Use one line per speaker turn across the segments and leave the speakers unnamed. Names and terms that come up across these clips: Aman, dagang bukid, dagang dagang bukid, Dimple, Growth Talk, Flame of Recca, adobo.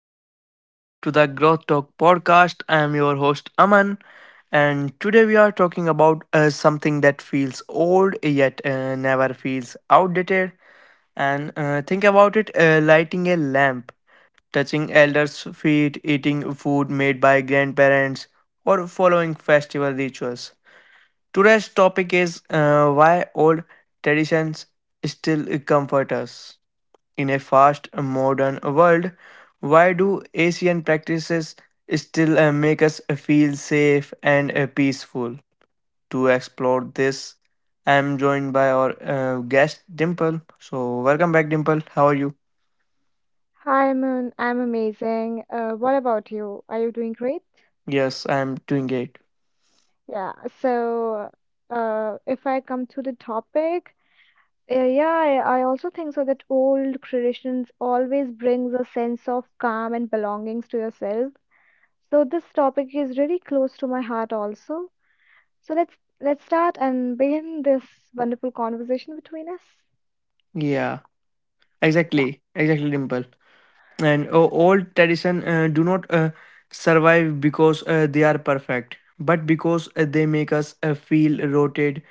welcome back to the Growth Talk podcast. I am your host Aman, and today we are talking about something that feels old yet never feels outdated. And think about it lighting a lamp, touching elders' feet, eating food made by grandparents, or following festival rituals. Today's topic is why old traditions still comfort us. In a fast modern world, why do Asian practices still make us feel safe and peaceful? To explore this, I am joined by our guest Dimple. So, welcome back, Dimple. How are you?
Hi, Moon. I'm amazing. What about you? Are you doing great?
Yes, I am doing great.
Yeah. So, if I come to the topic, yeah, I also think so that old traditions always brings a sense of calm and belongings to yourself. So this topic is really close to my heart also. So let's start and begin this wonderful conversation between us.
Yeah,
Yeah.
exactly, exactly, Dimple. And old tradition do not survive because they are perfect, but because they make us feel rooted,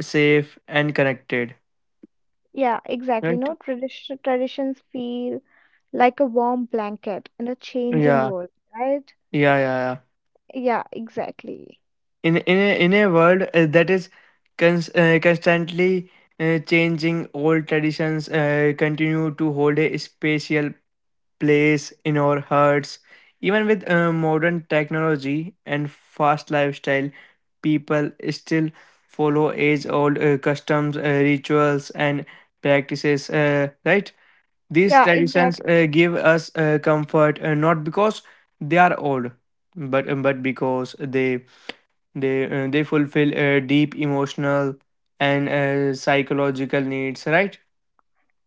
safe, and connected.
Yeah, exactly.
Right?
No tradition traditions feel like a warm blanket in a changing
Yeah,
world, right?
yeah, yeah, yeah.
Yeah, exactly.
In a world that is constantly changing, old traditions continue to hold a special place in our hearts. Even with modern technology and fast lifestyle, people still follow age-old customs, rituals, and practices. Right? These
Yeah,
traditions
exactly.
give us comfort not because they are old, but because they fulfill deep emotional and psychological needs, right?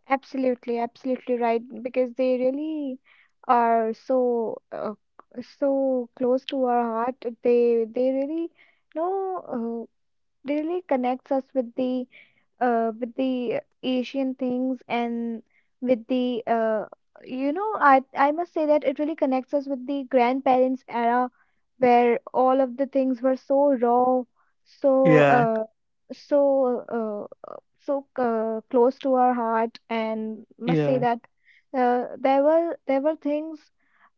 Absolutely, absolutely right. Because they really are so close to our heart. They really no they really connects us with the Asian things and with the, I must say that it really connects us with the grandparents era where all of the things were so raw, so
Yeah,
uh, close to our heart and must say
yeah,
that there were things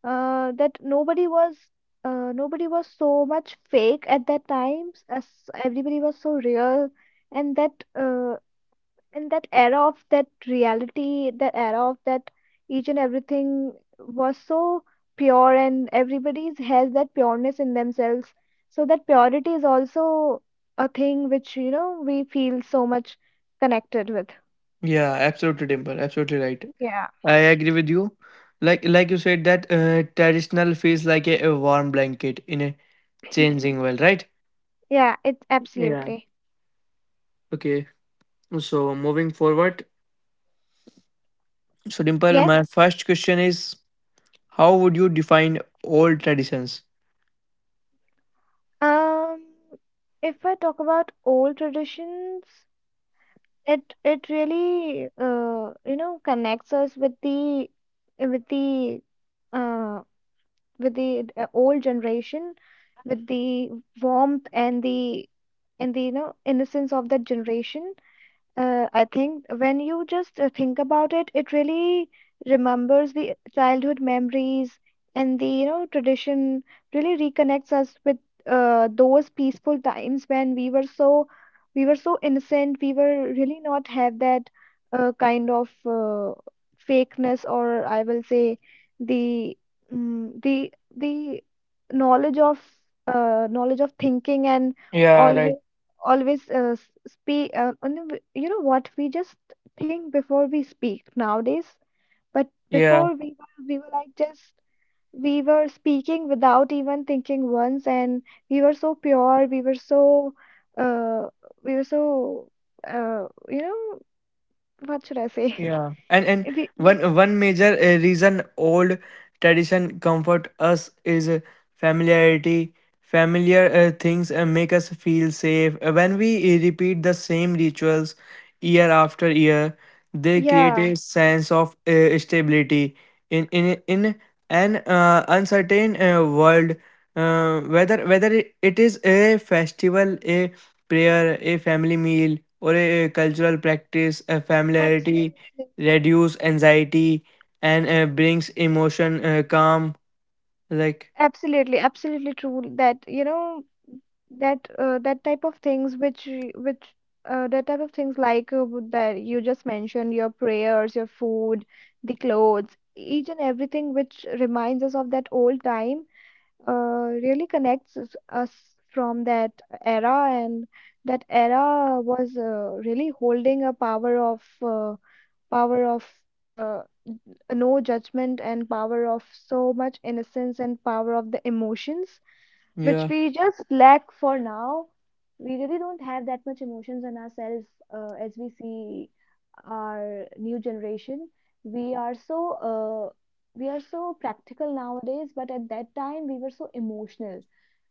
that nobody was so much fake at that time. As everybody was so real, and that uh, and that era of that reality, that era of that each and everything was so pure, and everybody has that pureness in themselves. So that purity is also a thing which, we feel so much connected with.
yeah. Absolutely, Dimple. Absolutely right.
Yeah.
I agree with you. Like you said that traditional feels like a warm blanket in a changing world, right?
Yeah, it's
Yeah.
absolutely.
Okay. So moving forward, so Dimple,
Yeah.
my first question is: How would you define old traditions?
Um, if I talk about old traditions, it really connects us with with the uh, the old generation with the warmth and the and the, innocence of that generation. I think when you just think about it, it really remembers the childhood memories and the, tradition really reconnects us with those peaceful times when we were so innocent. We were really not have that kind of fakeness, or I will say the mm the knowledge of knowledge of thinking and
Yeah, right.
always always uh, speak and then what we just think before we speak nowadays, but
Yeah.
before we were like just we were speaking without even thinking once, and we were so pure uh, we were so uh, you know what should I say?
Yeah, and and
If we
one major reason old tradition comfort us is familiarity. Familiar things make us feel safe. When we repeat the same rituals year after year, they create
yeah
a sense of stability in an uncertain world. Whether it is a festival, a prayer, a family meal, or a cultural practice, a familiarity
absolutely
reduce anxiety and brings emotion calm. Like,
Absolutely, absolutely true that that that type of things which that type of things like that you just mentioned, your prayers, your food, the clothes, each and everything which reminds us of that old time uh, really connects us from that era, and that era was really holding a power of uh, no judgment, and power of so much innocence, and power of the emotions which
yeah,
we just lack for now. We really don't have that much emotions in ourselves, as we see our new generation. We are uh, we are so practical nowadays, but at that time we were so emotional,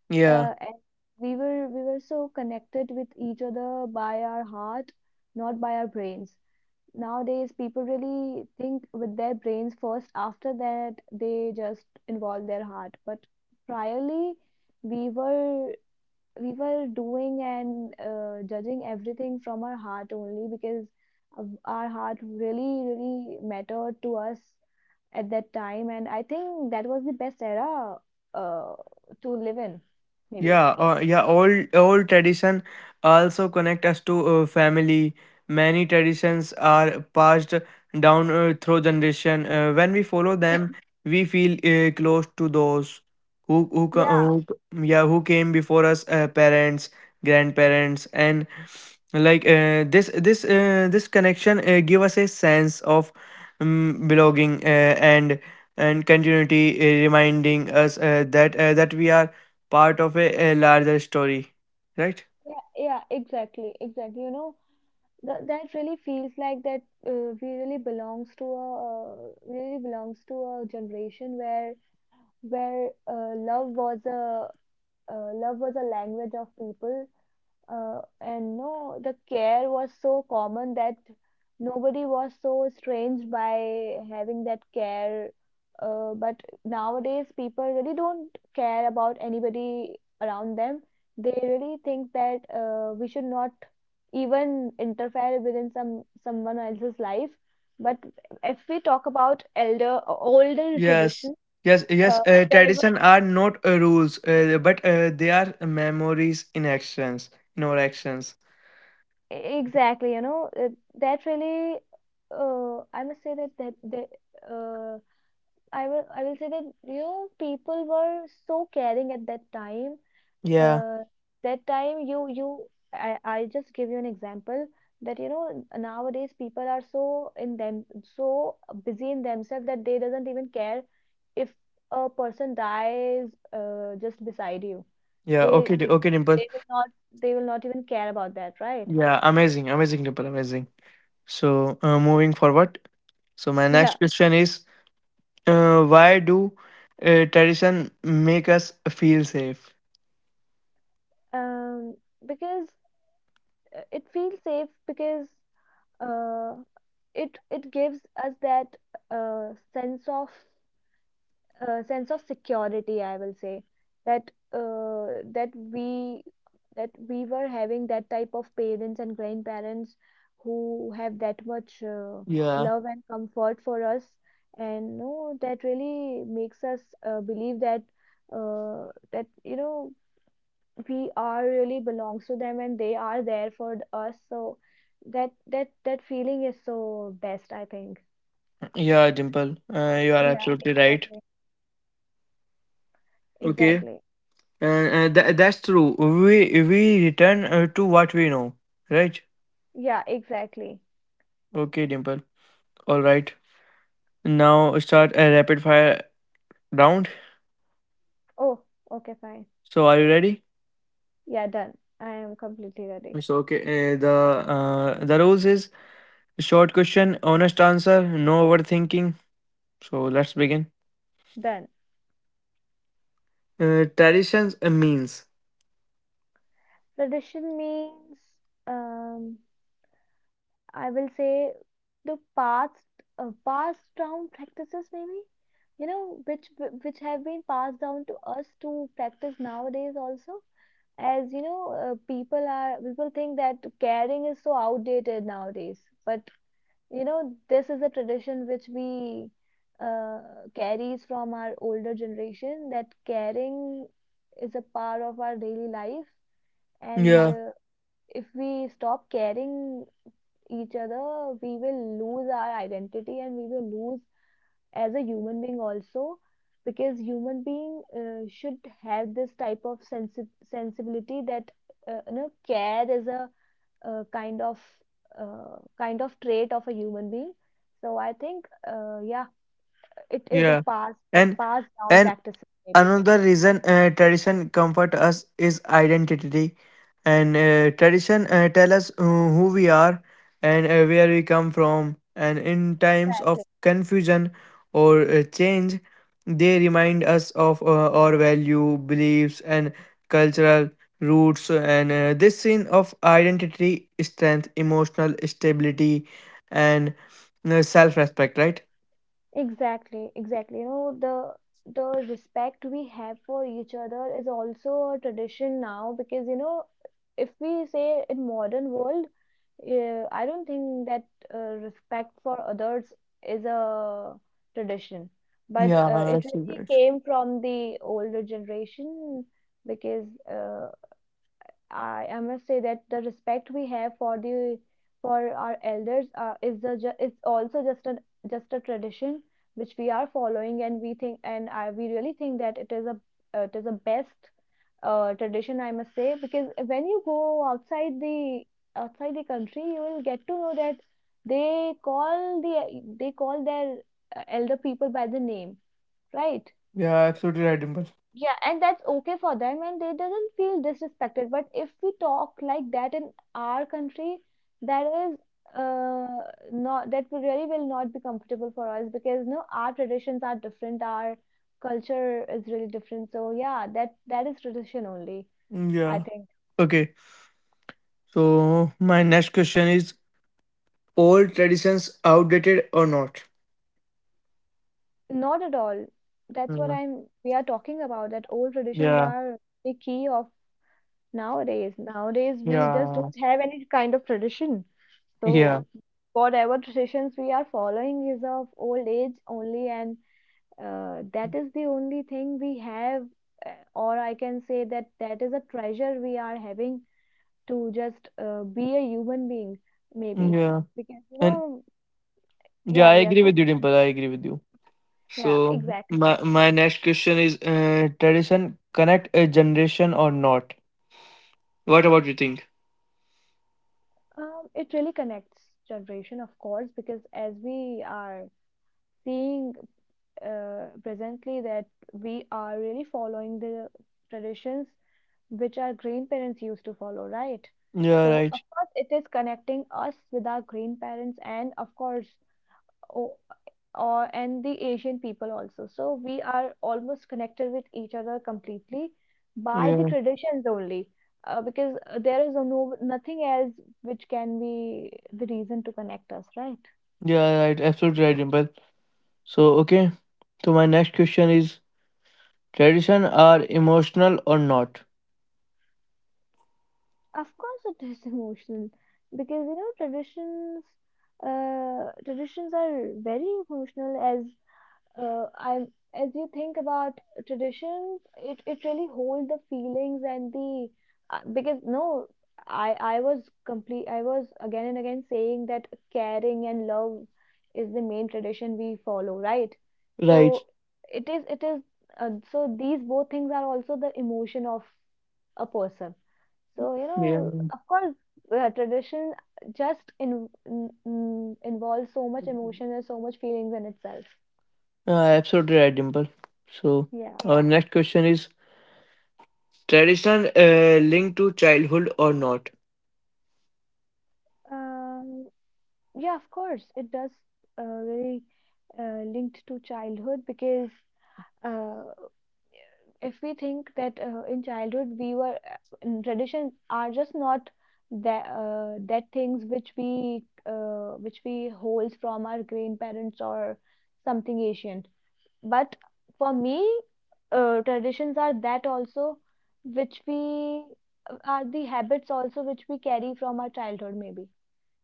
yeah.
and we were so connected with each other by our heart, not by our brains. Nowadays people really think with their brains first, after that they just involve their heart. But priorly we were we were doing and judging everything from our heart only, because our heart really really mattered to us at that time, and I think that was the best era uh, to live in, maybe.
Yeah, yeah, old tradition also connect us to family. Many traditions are passed down through generation. When we follow them, we feel close to those who who, co-
Yeah
who, yeah, who came before us, parents, grandparents, and like this connection give us a sense of belonging, and and continuity, reminding us that we are part of a larger story, right?
Yeah, exactly, exactly, that, that really feels like that we really belongs to a really belongs to a generation where where uh, love was a love was a language of people, and no, the care was so common that nobody was so strange by having that care. But nowadays, people really don't care about anybody around them. They really think that we should not even interfere within someone else's life. But if we talk about elder older
Yes,
tradition,
yes, yes.
uh, there
Tradition are not rules, but they are memories in actions, in our actions.
E-, Exactly, that really, I must say that uh, I will say that people were so caring at that time.
Yeah,
Uh, that time you you I just give you an example that nowadays people are so busy in themselves that they doesn't even care if a person dies just beside you.
yeah.
They
Okay,
they will,
okay, Dimple.
they will not they will not even care about that, right?
Yeah, amazing, amazing, Dimple, amazing. So, moving forward. So, my next question is, why do tradition make us feel safe?
um, because uh, it gives that uh, sense sense of security. I will say that we that we were having that type of parents and grandparents who have that much
Yeah,
love and comfort for us, and that really makes us believe that. That we are really belongs to them and they are there for us, so that that feeling is so best, I think.
yeah, Dimple. You are
Yeah,
absolutely right.
exactly.
Okay.
Exactly.
Uh, uh, that's true. We we return to what we know, right?
Yeah, exactly.
Okay, Dimple. All right. Now start a rapid fire round.
Oh, okay, fine.
So are you ready?
Yeah, done. I am completely ready.
So okay. The rules is short question, honest answer, no overthinking. So let's begin.
Done.
Traditions means.
Tradition means, um, I will say the past, passed down practices, maybe, which have been passed down to us to practice nowadays also. As you know, people think that caring is so outdated nowadays, but you know, this is a tradition which we uh, carries from our older generation, that caring is a part of our daily life, and
Yeah,
if we stop caring each other, we will lose our identity, and we will lose as a human being also, because human being should have this type of sensibility that you know care is a uh, kind of kind of trait of a human being. So I think, yeah, it is a
yeah,
passed
and
passed down
and
practice, maybe.
another reason tradition comfort us is identity, and tradition tell us who we are and where we come from, and in times of confusion or change, they remind us of our value beliefs and cultural roots, and this scene of identity strength, emotional stability, and self-respect, right?
Exactly, exactly. You know, the respect we have for each other is also a tradition now, because you know, if we say in modern world, I don't think that respect for others is a tradition, but
Yeah,
it
absolutely
really
right.
came from the older generation, because I must say that the respect we have for the for our elders is the it's also just a tradition which we are following, and we think, and I we really think that it is a best tradition, I must say, because when you go outside the country, you will get to know that they call their elder people by the name, right?
Yeah, absolutely right, Dimple.
Yeah, and that's okay for them, and they doesn't feel disrespected. But if we talk like that in our country, that is uh not really will not be comfortable for us because no, our traditions are different, our culture is really different. So yeah, that that is tradition only,
Mm,
I
yeah.
think.
Okay, so my next question is: old traditions outdated or not?
Not at all. That's what
Yeah,
I'm we are talking about, that old traditions
yeah,
are the key of nowadays. Nowadays we just
yeah,
don't have any kind of tradition.
yeah,
So whatever traditions we are following is of old age only, and that is the only thing we have, or I can say that that is a treasure we are having to just be a human being, maybe.
yeah.
Because you
And
know,
yeah,
yeah,
I
yeah,
agree
just
with you,
continue.
Dimple. I agree with you.
Yeah,
So
exactly.
my next question is: tradition connect a generation or not? What about you think?
It really connects generation, of course, because as we are seeing presently that we are really following the traditions which our grandparents used to follow, right?
Yeah,
So,
right.
of course, it is connecting us with our grandparents and, of course, or, or and the Asian people also. So, we are almost connected with each other completely by the
Yeah,
traditions only, because there is no nothing else which can be the reason to connect us, right?
yeah, right. Absolutely right, Dimple. So okay. So my next question is: tradition are emotional or not?
Of course, it is emotional, because you know traditions traditions are very emotional as I'm as you think about traditions, it really hold the feelings and the because no, I was complete. I was again and again saying that caring and love is the main tradition we follow, right?
Right.
So it is so these both things are also the emotion of a person. So, you
Yeah.
know, of course, tradition just involves so much emotion and so much feelings in itself.
Uh, Absolutely right, Dimple. So,
Yeah.
our next question is: tradition linked to childhood or not?
Um, yeah, of course, it does really linked to childhood, because uh, if we think that in childhood we were in traditions are just not that that things which we hold from our grandparents or something ancient. But for me, traditions are that also which we are the habits also which we carry from our childhood, maybe.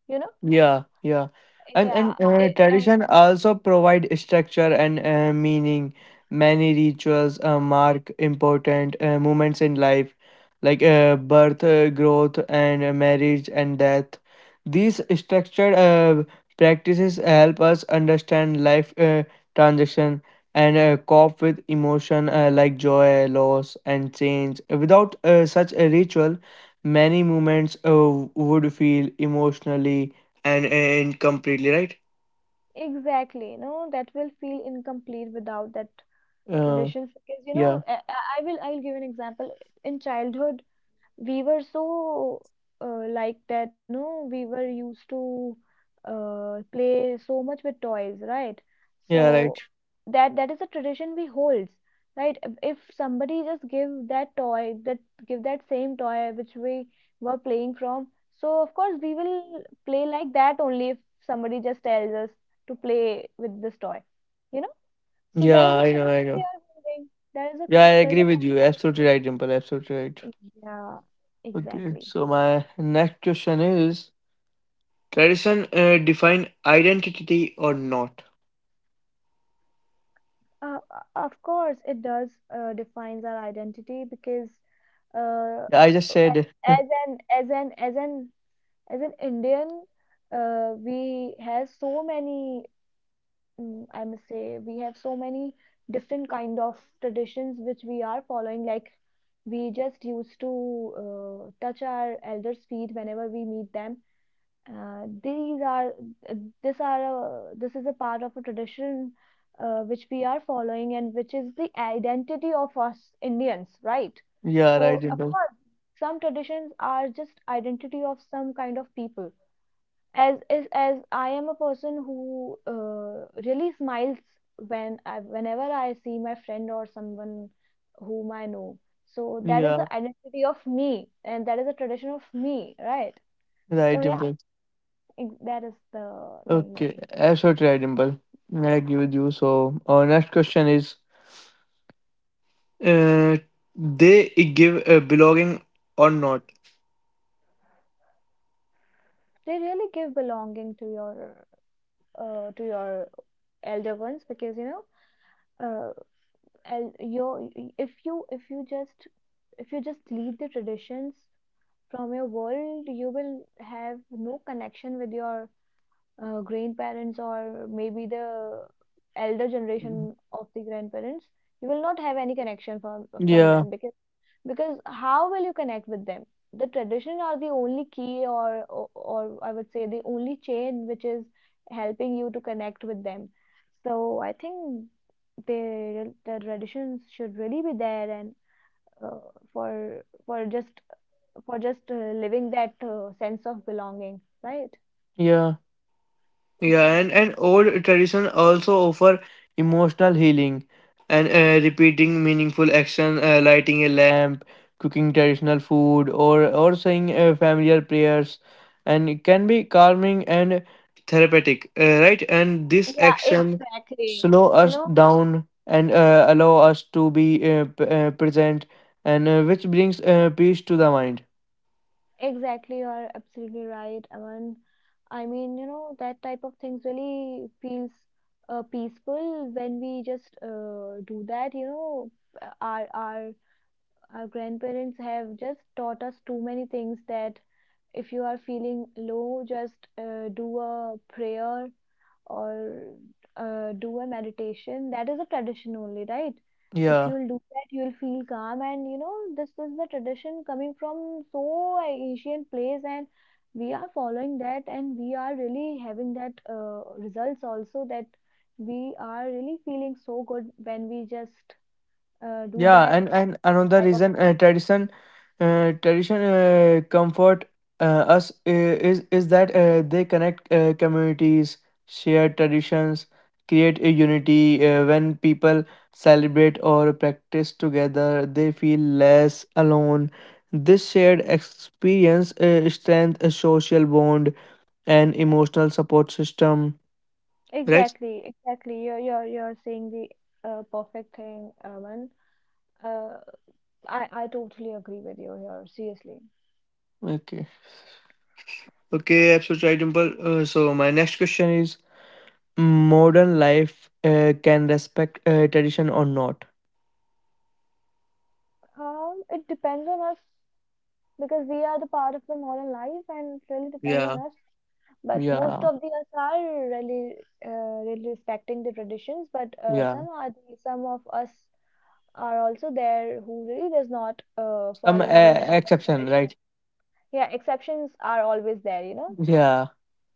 You know?
Yeah, yeah, and and
Yeah,
uh,
it, and
tradition also provide structure and meaning. Many rituals mark important moments in life, like birth, growth, and marriage and death. These structured practices help us understand life transition and cope with emotion like joy, loss, and change. Without such a ritual, many moments would feel emotionally and completely, right?
exactly, you know, that will feel incomplete without that
Uh,
traditions because you
yeah,
know I, I I'll give an example. In childhood we were so like that no we were used to play so much with toys, right?
yeah, right.
So that is a tradition we holds, right? If somebody just give that toy, that give that same toy which we were playing from, so of course we will play like that only if somebody just tells us to play with this toy, you know. So that
Yeah,
is a
I know, I
tradition we
know.
are holding. That is a,
Yeah, I agree
there's a
with you.
power
Absolutely
tradition.
right, Dimple. Absolutely right.
Yeah,
Okay,
exactly.
so my next question is: tradition define identity or not?
Of course, it does defines our identity, because uh,
I just
a-
said,
as an as an as an as an Indian, we have so many, I must say we have so many different kind of traditions which we are following. Like we just used to touch our elders' feet whenever we meet them. These are uh, this are a, this is a part of a tradition which we are following and which is the identity of us Indians, right?
yeah, right,
So of
Dimple.
course, some traditions are just identity of some kind of people. As I am a person who really smiles when whenever I see my friend or someone whom I know. So that is
Yeah,
the identity of me, and that is a tradition of me, right?
right,
So yeah.
Dimple.
Ex- that is the thing
Okay,
maybe.
absolutely right, Dimple. I agree with you. So, our next question is, uh, they give a belonging or not?
They really give belonging to your elder ones, because you know, uh, el- your, if you if you just if you just lead the traditions from your world, you will have no connection with your grandparents or maybe the elder generation of the grandparents. You will not have any connection from
Yeah,
them, because how will you connect with them? The tradition are the only key, or I would say the only chain which is helping you to connect with them. So I think the traditions should really be there, and uh, for just living that sense of belonging, right?
yeah. Yeah, and,
Exactly.
and old tradition also offer emotional healing, and repeating meaningful action, lighting a lamp, cooking traditional food, or saying familiar prayers, and it can be calming and therapeutic, right? And this
Yeah,
action
exactly,
slow
you
us
know,
down and allow us to be present, and which brings peace to the mind.
exactly you are absolutely right, Aman. I mean, you know, that type of things really feels peaceful when we just do that. You know, our our grandparents have just taught us too many things. That if you are feeling low, just do a prayer or do a meditation. That is a tradition only, right? If
Yeah.
you'll do that, you'll feel calm. And you know, this is the tradition coming from so ancient place, and we are following that, and we are really having that results also, that we are really feeling so good when we just do
Yeah,
that
and another
type of.
reason tradition, comfort us is that they connect communities, share traditions, create a unity. When people celebrate or practice together, they feel less alone. This shared experience strengthens a social bond and emotional support system, right.
Exactly, exactly you're you're saying the perfect thing, Aman. uh, I totally agree with you here, seriously.
Okay. Okay, absolutely right, Dimple. So my next question is: modern life can respect tradition or not.
It depends on us, because we are the part of the modern life and it really depends
Yeah.
on us. But most
Yeah,
of the us are uh, in the traditions, but
yeah.
some are the, some of us are also there who really does not
Some
follow any kind of
exception,
tradition.
right?
Yeah, exceptions are always there, you know.
Yeah,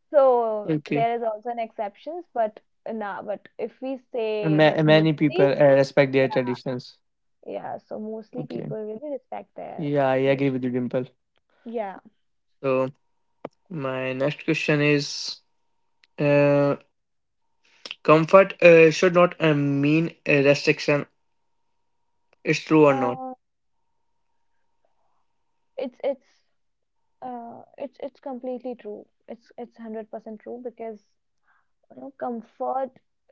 So
okay.
there is also an exceptions, but nah, but if we say that
Many people
mostly,
respect their traditions.
yeah, so mostly
Okay.
people really respect their
Yeah, I agree
tradition.
with you, Dimple.
Yeah.
So my next question is, uh, comfort should not mean a restriction. It's true or not?
Uh, it's it's completely true. It's 100% true, because you know comfort,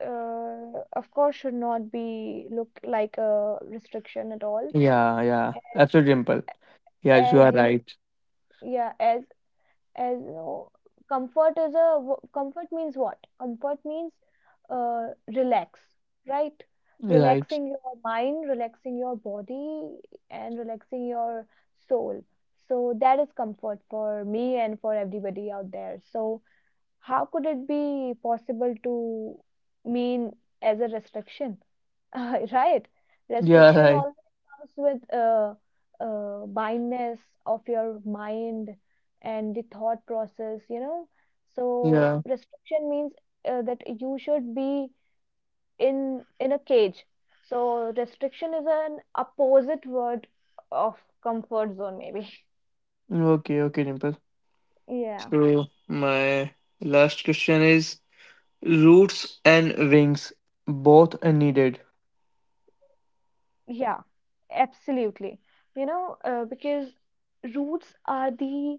of course should not be look like a restriction at all.
Yeah, yeah, absolutely, Dimple. Yeah, you
As
are
you know,
right.
yeah, as you know, comfort is a wo- comfort means what? Comfort means relax, right?
Right.
Relaxing your mind, relaxing your body, and relaxing your soul. So that is comfort for me and for everybody out there. So how could it be possible to mean as a restriction? Right?
Yeah,
Restriction
right.
always comes with blindness of your mind and the thought process, you know. So
Yeah.
restriction means that you should be in a cage. So restriction is an opposite word of comfort zone, maybe.
Okay, okay, Dimple.
Yeah.
So my last question is: roots and wings both are needed.
Yeah, absolutely. You know, because roots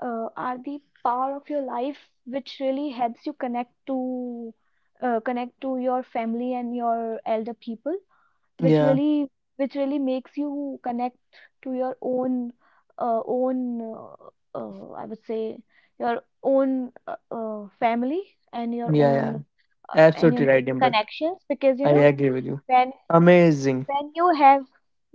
are the power of your life, which really helps you connect to connect to your family and your elder people, which
Yeah,
really which really makes you connect to your own I would say your own family and your
yeah, yeah.
own and your
Absolutely
own
right, Dimple.
connections, because you
I
know
agree with you.
when
Amazing.
when you have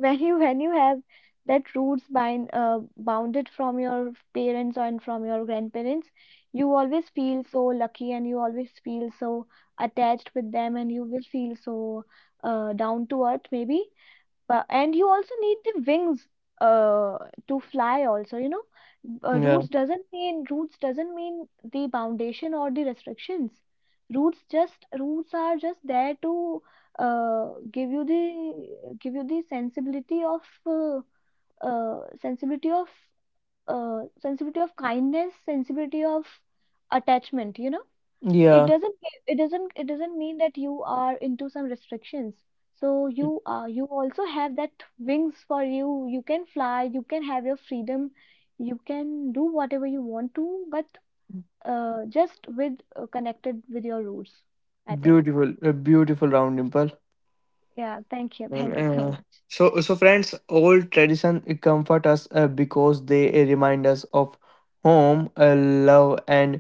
when you have that roots bind bounded from your parents and from your grandparents, you always feel so lucky and you always feel so attached with them, and you will feel so down to earth maybe. But and you also need the wings uh to fly also, you know. Uh,
Yeah,
roots doesn't mean roots doesn't mean the foundation or the restrictions. Roots just roots are just there to uh give you the sensibility of uh, sensibility of sensibility of kindness, sensibility of attachment, you know. It
yeah.
doesn't ge- it doesn't mean that you are into some restrictions. So you you also have that wings for you. You can fly, you can have your freedom, you can do whatever you want to, but just with connected with your roots, I think.
Beautiful, a beautiful round, Dimple.
Yeah, thank you,
And,
thank you so much.
so, friends, old tradition comfort us because they remind us of home, love, and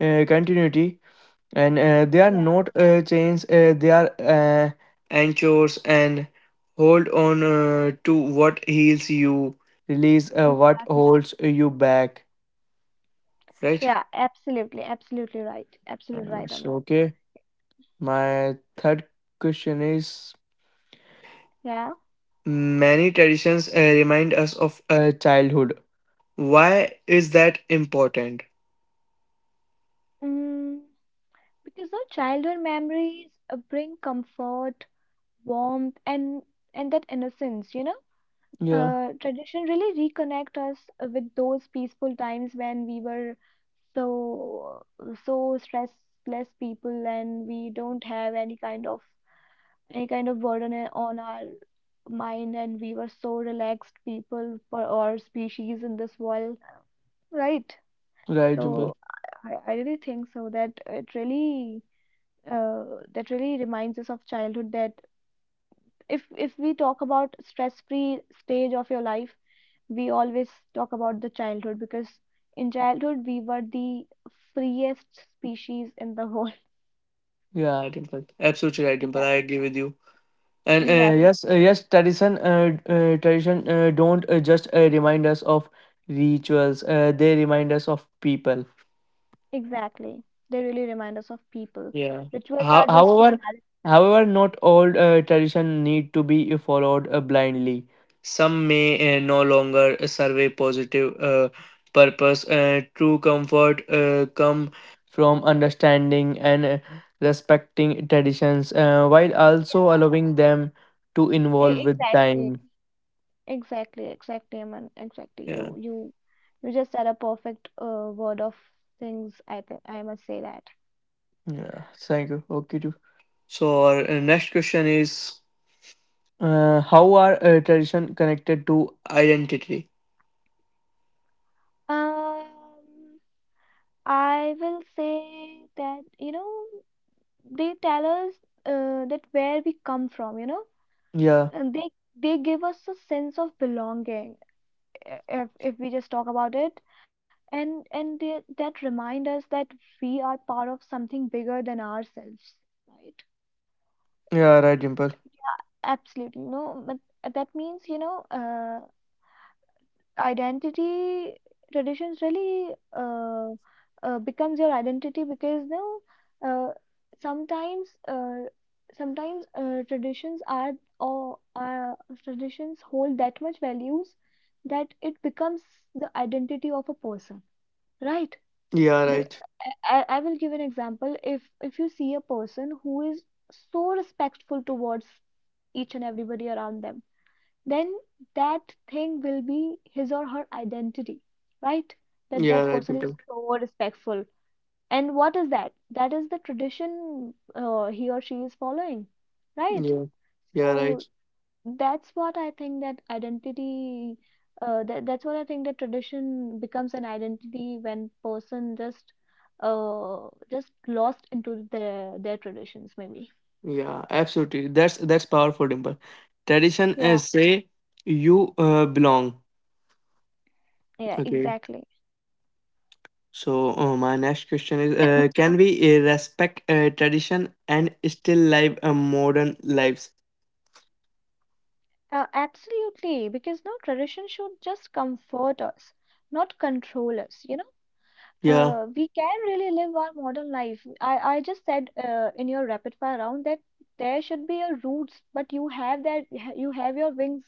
continuity. And they are
Yeah,
not chains, they are anchors, and hold on to what heals you, release what
exactly,
holds you back, right?
yeah, absolutely, absolutely right, absolutely right,
So
Aman.
okay, my third question is:
Yeah.
many traditions remind us of childhood, why is that important?
mm, because our childhood memories bring comfort, warmth, and that innocence, you know.
Yeah,
Tradition really reconnect us with those peaceful times when we were so so stressless people, and we don't have any kind of burden I- on our mind, and we were so relaxed people for our species in this world, right?
right,
So
Dimple.
I really think so that it really uh, that really reminds us of childhood. That if we talk about stress free stage of your life, we always talk about the childhood because in childhood we were the freest species in the whole.
Yeah, Dimple, absolutely right, Dimple,
Yeah,
I agree with you. And
exactly,
yes, yes, tradition, tradition don't just remind us of rituals. They remind us of people.
exactly, they really remind us of people.
Yeah.
Rituals
How,
are just for
however, however, not all tradition need to be followed blindly. Some may no longer serve a positive purpose. True comfort come from understanding and respecting traditions, while also allowing them to
E-
evolve with
exactly,
time.
exactly, exactly, Aman, exactly,
Yeah.
you you just said a perfect word of things, I th- I must say that.
Yeah, thank you. Okay, too. So our next question is: how are tradition connected to identity?
um I will say that you know, they tell us that where we come from, you know.
Yeah,
And they give us a sense of belonging, if we just talk about it. And that remind us that we are part of something bigger than ourselves, right?
yeah, right, Dimple.
Absolutely. No, but that means, you know, identity, traditions really uh, becomes your identity. Because no, uh, sometimes sometimes traditions are or traditions hold that much values that it becomes the identity of a person, right?
Yeah,
Be-
right.
I will give an example. If you see a person who is so respectful towards each and everybody around them, then that thing will be his or her identity, right? That
Yeah,
that
right,
person is
Dimple.
so respectful. And what is that? That is the tradition he or she is following, right?
Yeah, yeah, right.
So that's what I think, that identity, that's what I think that tradition becomes an identity when person just lost into their traditions maybe.
Yeah, absolutely. That's powerful, Dimple. Tradition
Yeah.
is say you belong.
Yeah,
Okay.
exactly.
So my next question is: Can we respect tradition and still live a modern lives?
Absolutely, because no tradition should just comfort us, not control us. You know,
Yeah,
we can really live our modern life. I just said in your rapid fire round that there should be a roots, but you have that you have your wings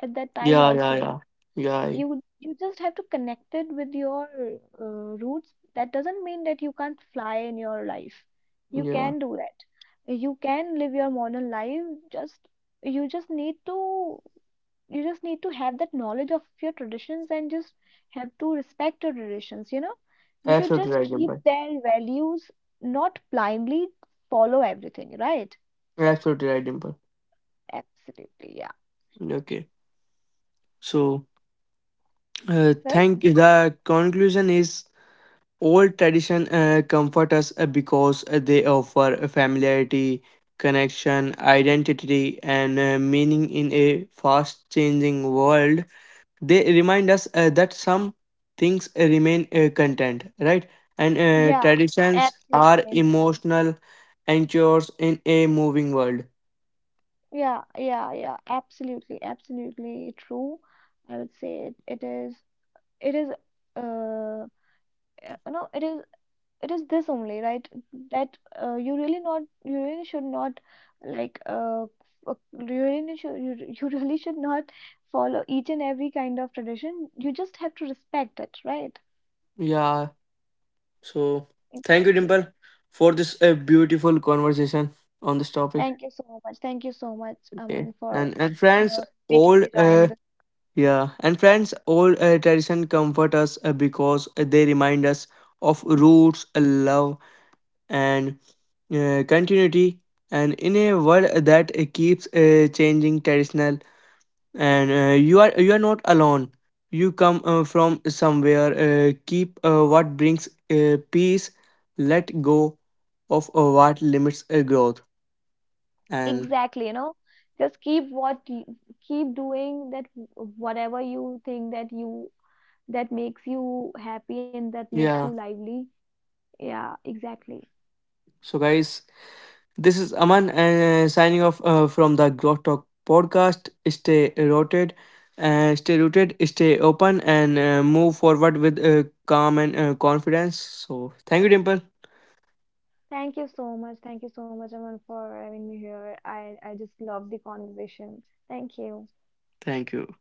at that time
yeah, yeah,
also.
yeah, yeah,
You just have to connect it with your roots. That doesn't mean that you can't fly in your life. You
yeah.
can do that. You can live your modern life. Just you just need to you just need to have that knowledge of your traditions, and just have to respect your traditions, you know. We should
Absolutely
just
right,
keep
Dimple.
their values, not blindly follow everything, right?
Absolutely right, Dimple.
Absolutely, yeah.
Okay. So,
So
thank the conclusion is: old tradition comfort us because they offer a familiarity, connection, identity, and meaning in a fast-changing world. They remind us that some things remain content, right? And
yeah,
traditions are
absolutely,
emotional anchors in a moving world.
yeah, yeah, yeah, absolutely, absolutely true. I would say it is it is uh no, it is it is this only, right? That you really not, you really should not like you really should re- you really should not follow each and every kind of tradition. You just have to respect it, right?
Yeah. So thank you,
Exactly.
Dimple, for this beautiful conversation on this topic.
Thank you so much, thank you so much,
Okay,
Aman, for
and friends,
making me
old
join this.
yeah, and friends, old tradition comfort us because they remind us of roots, love, and continuity. And in a world that keeps changing, traditional, and you are not alone, you come from somewhere, keep what brings peace, let go of what limits growth, and
Exactly, you know, just keep what you keep doing that w- whatever you think that you that makes you happy and that makes you
yeah,
lively. Yeah, exactly.
so guys, this is Aman, signing off from the Growth Talk podcast. Stay rooted, stay open, and move forward with calm and confidence. So thank you, Dimple.
Thank you so much. Thank you so much, Aman, for having me here. I just love the conversation. Thank you.
Thank you.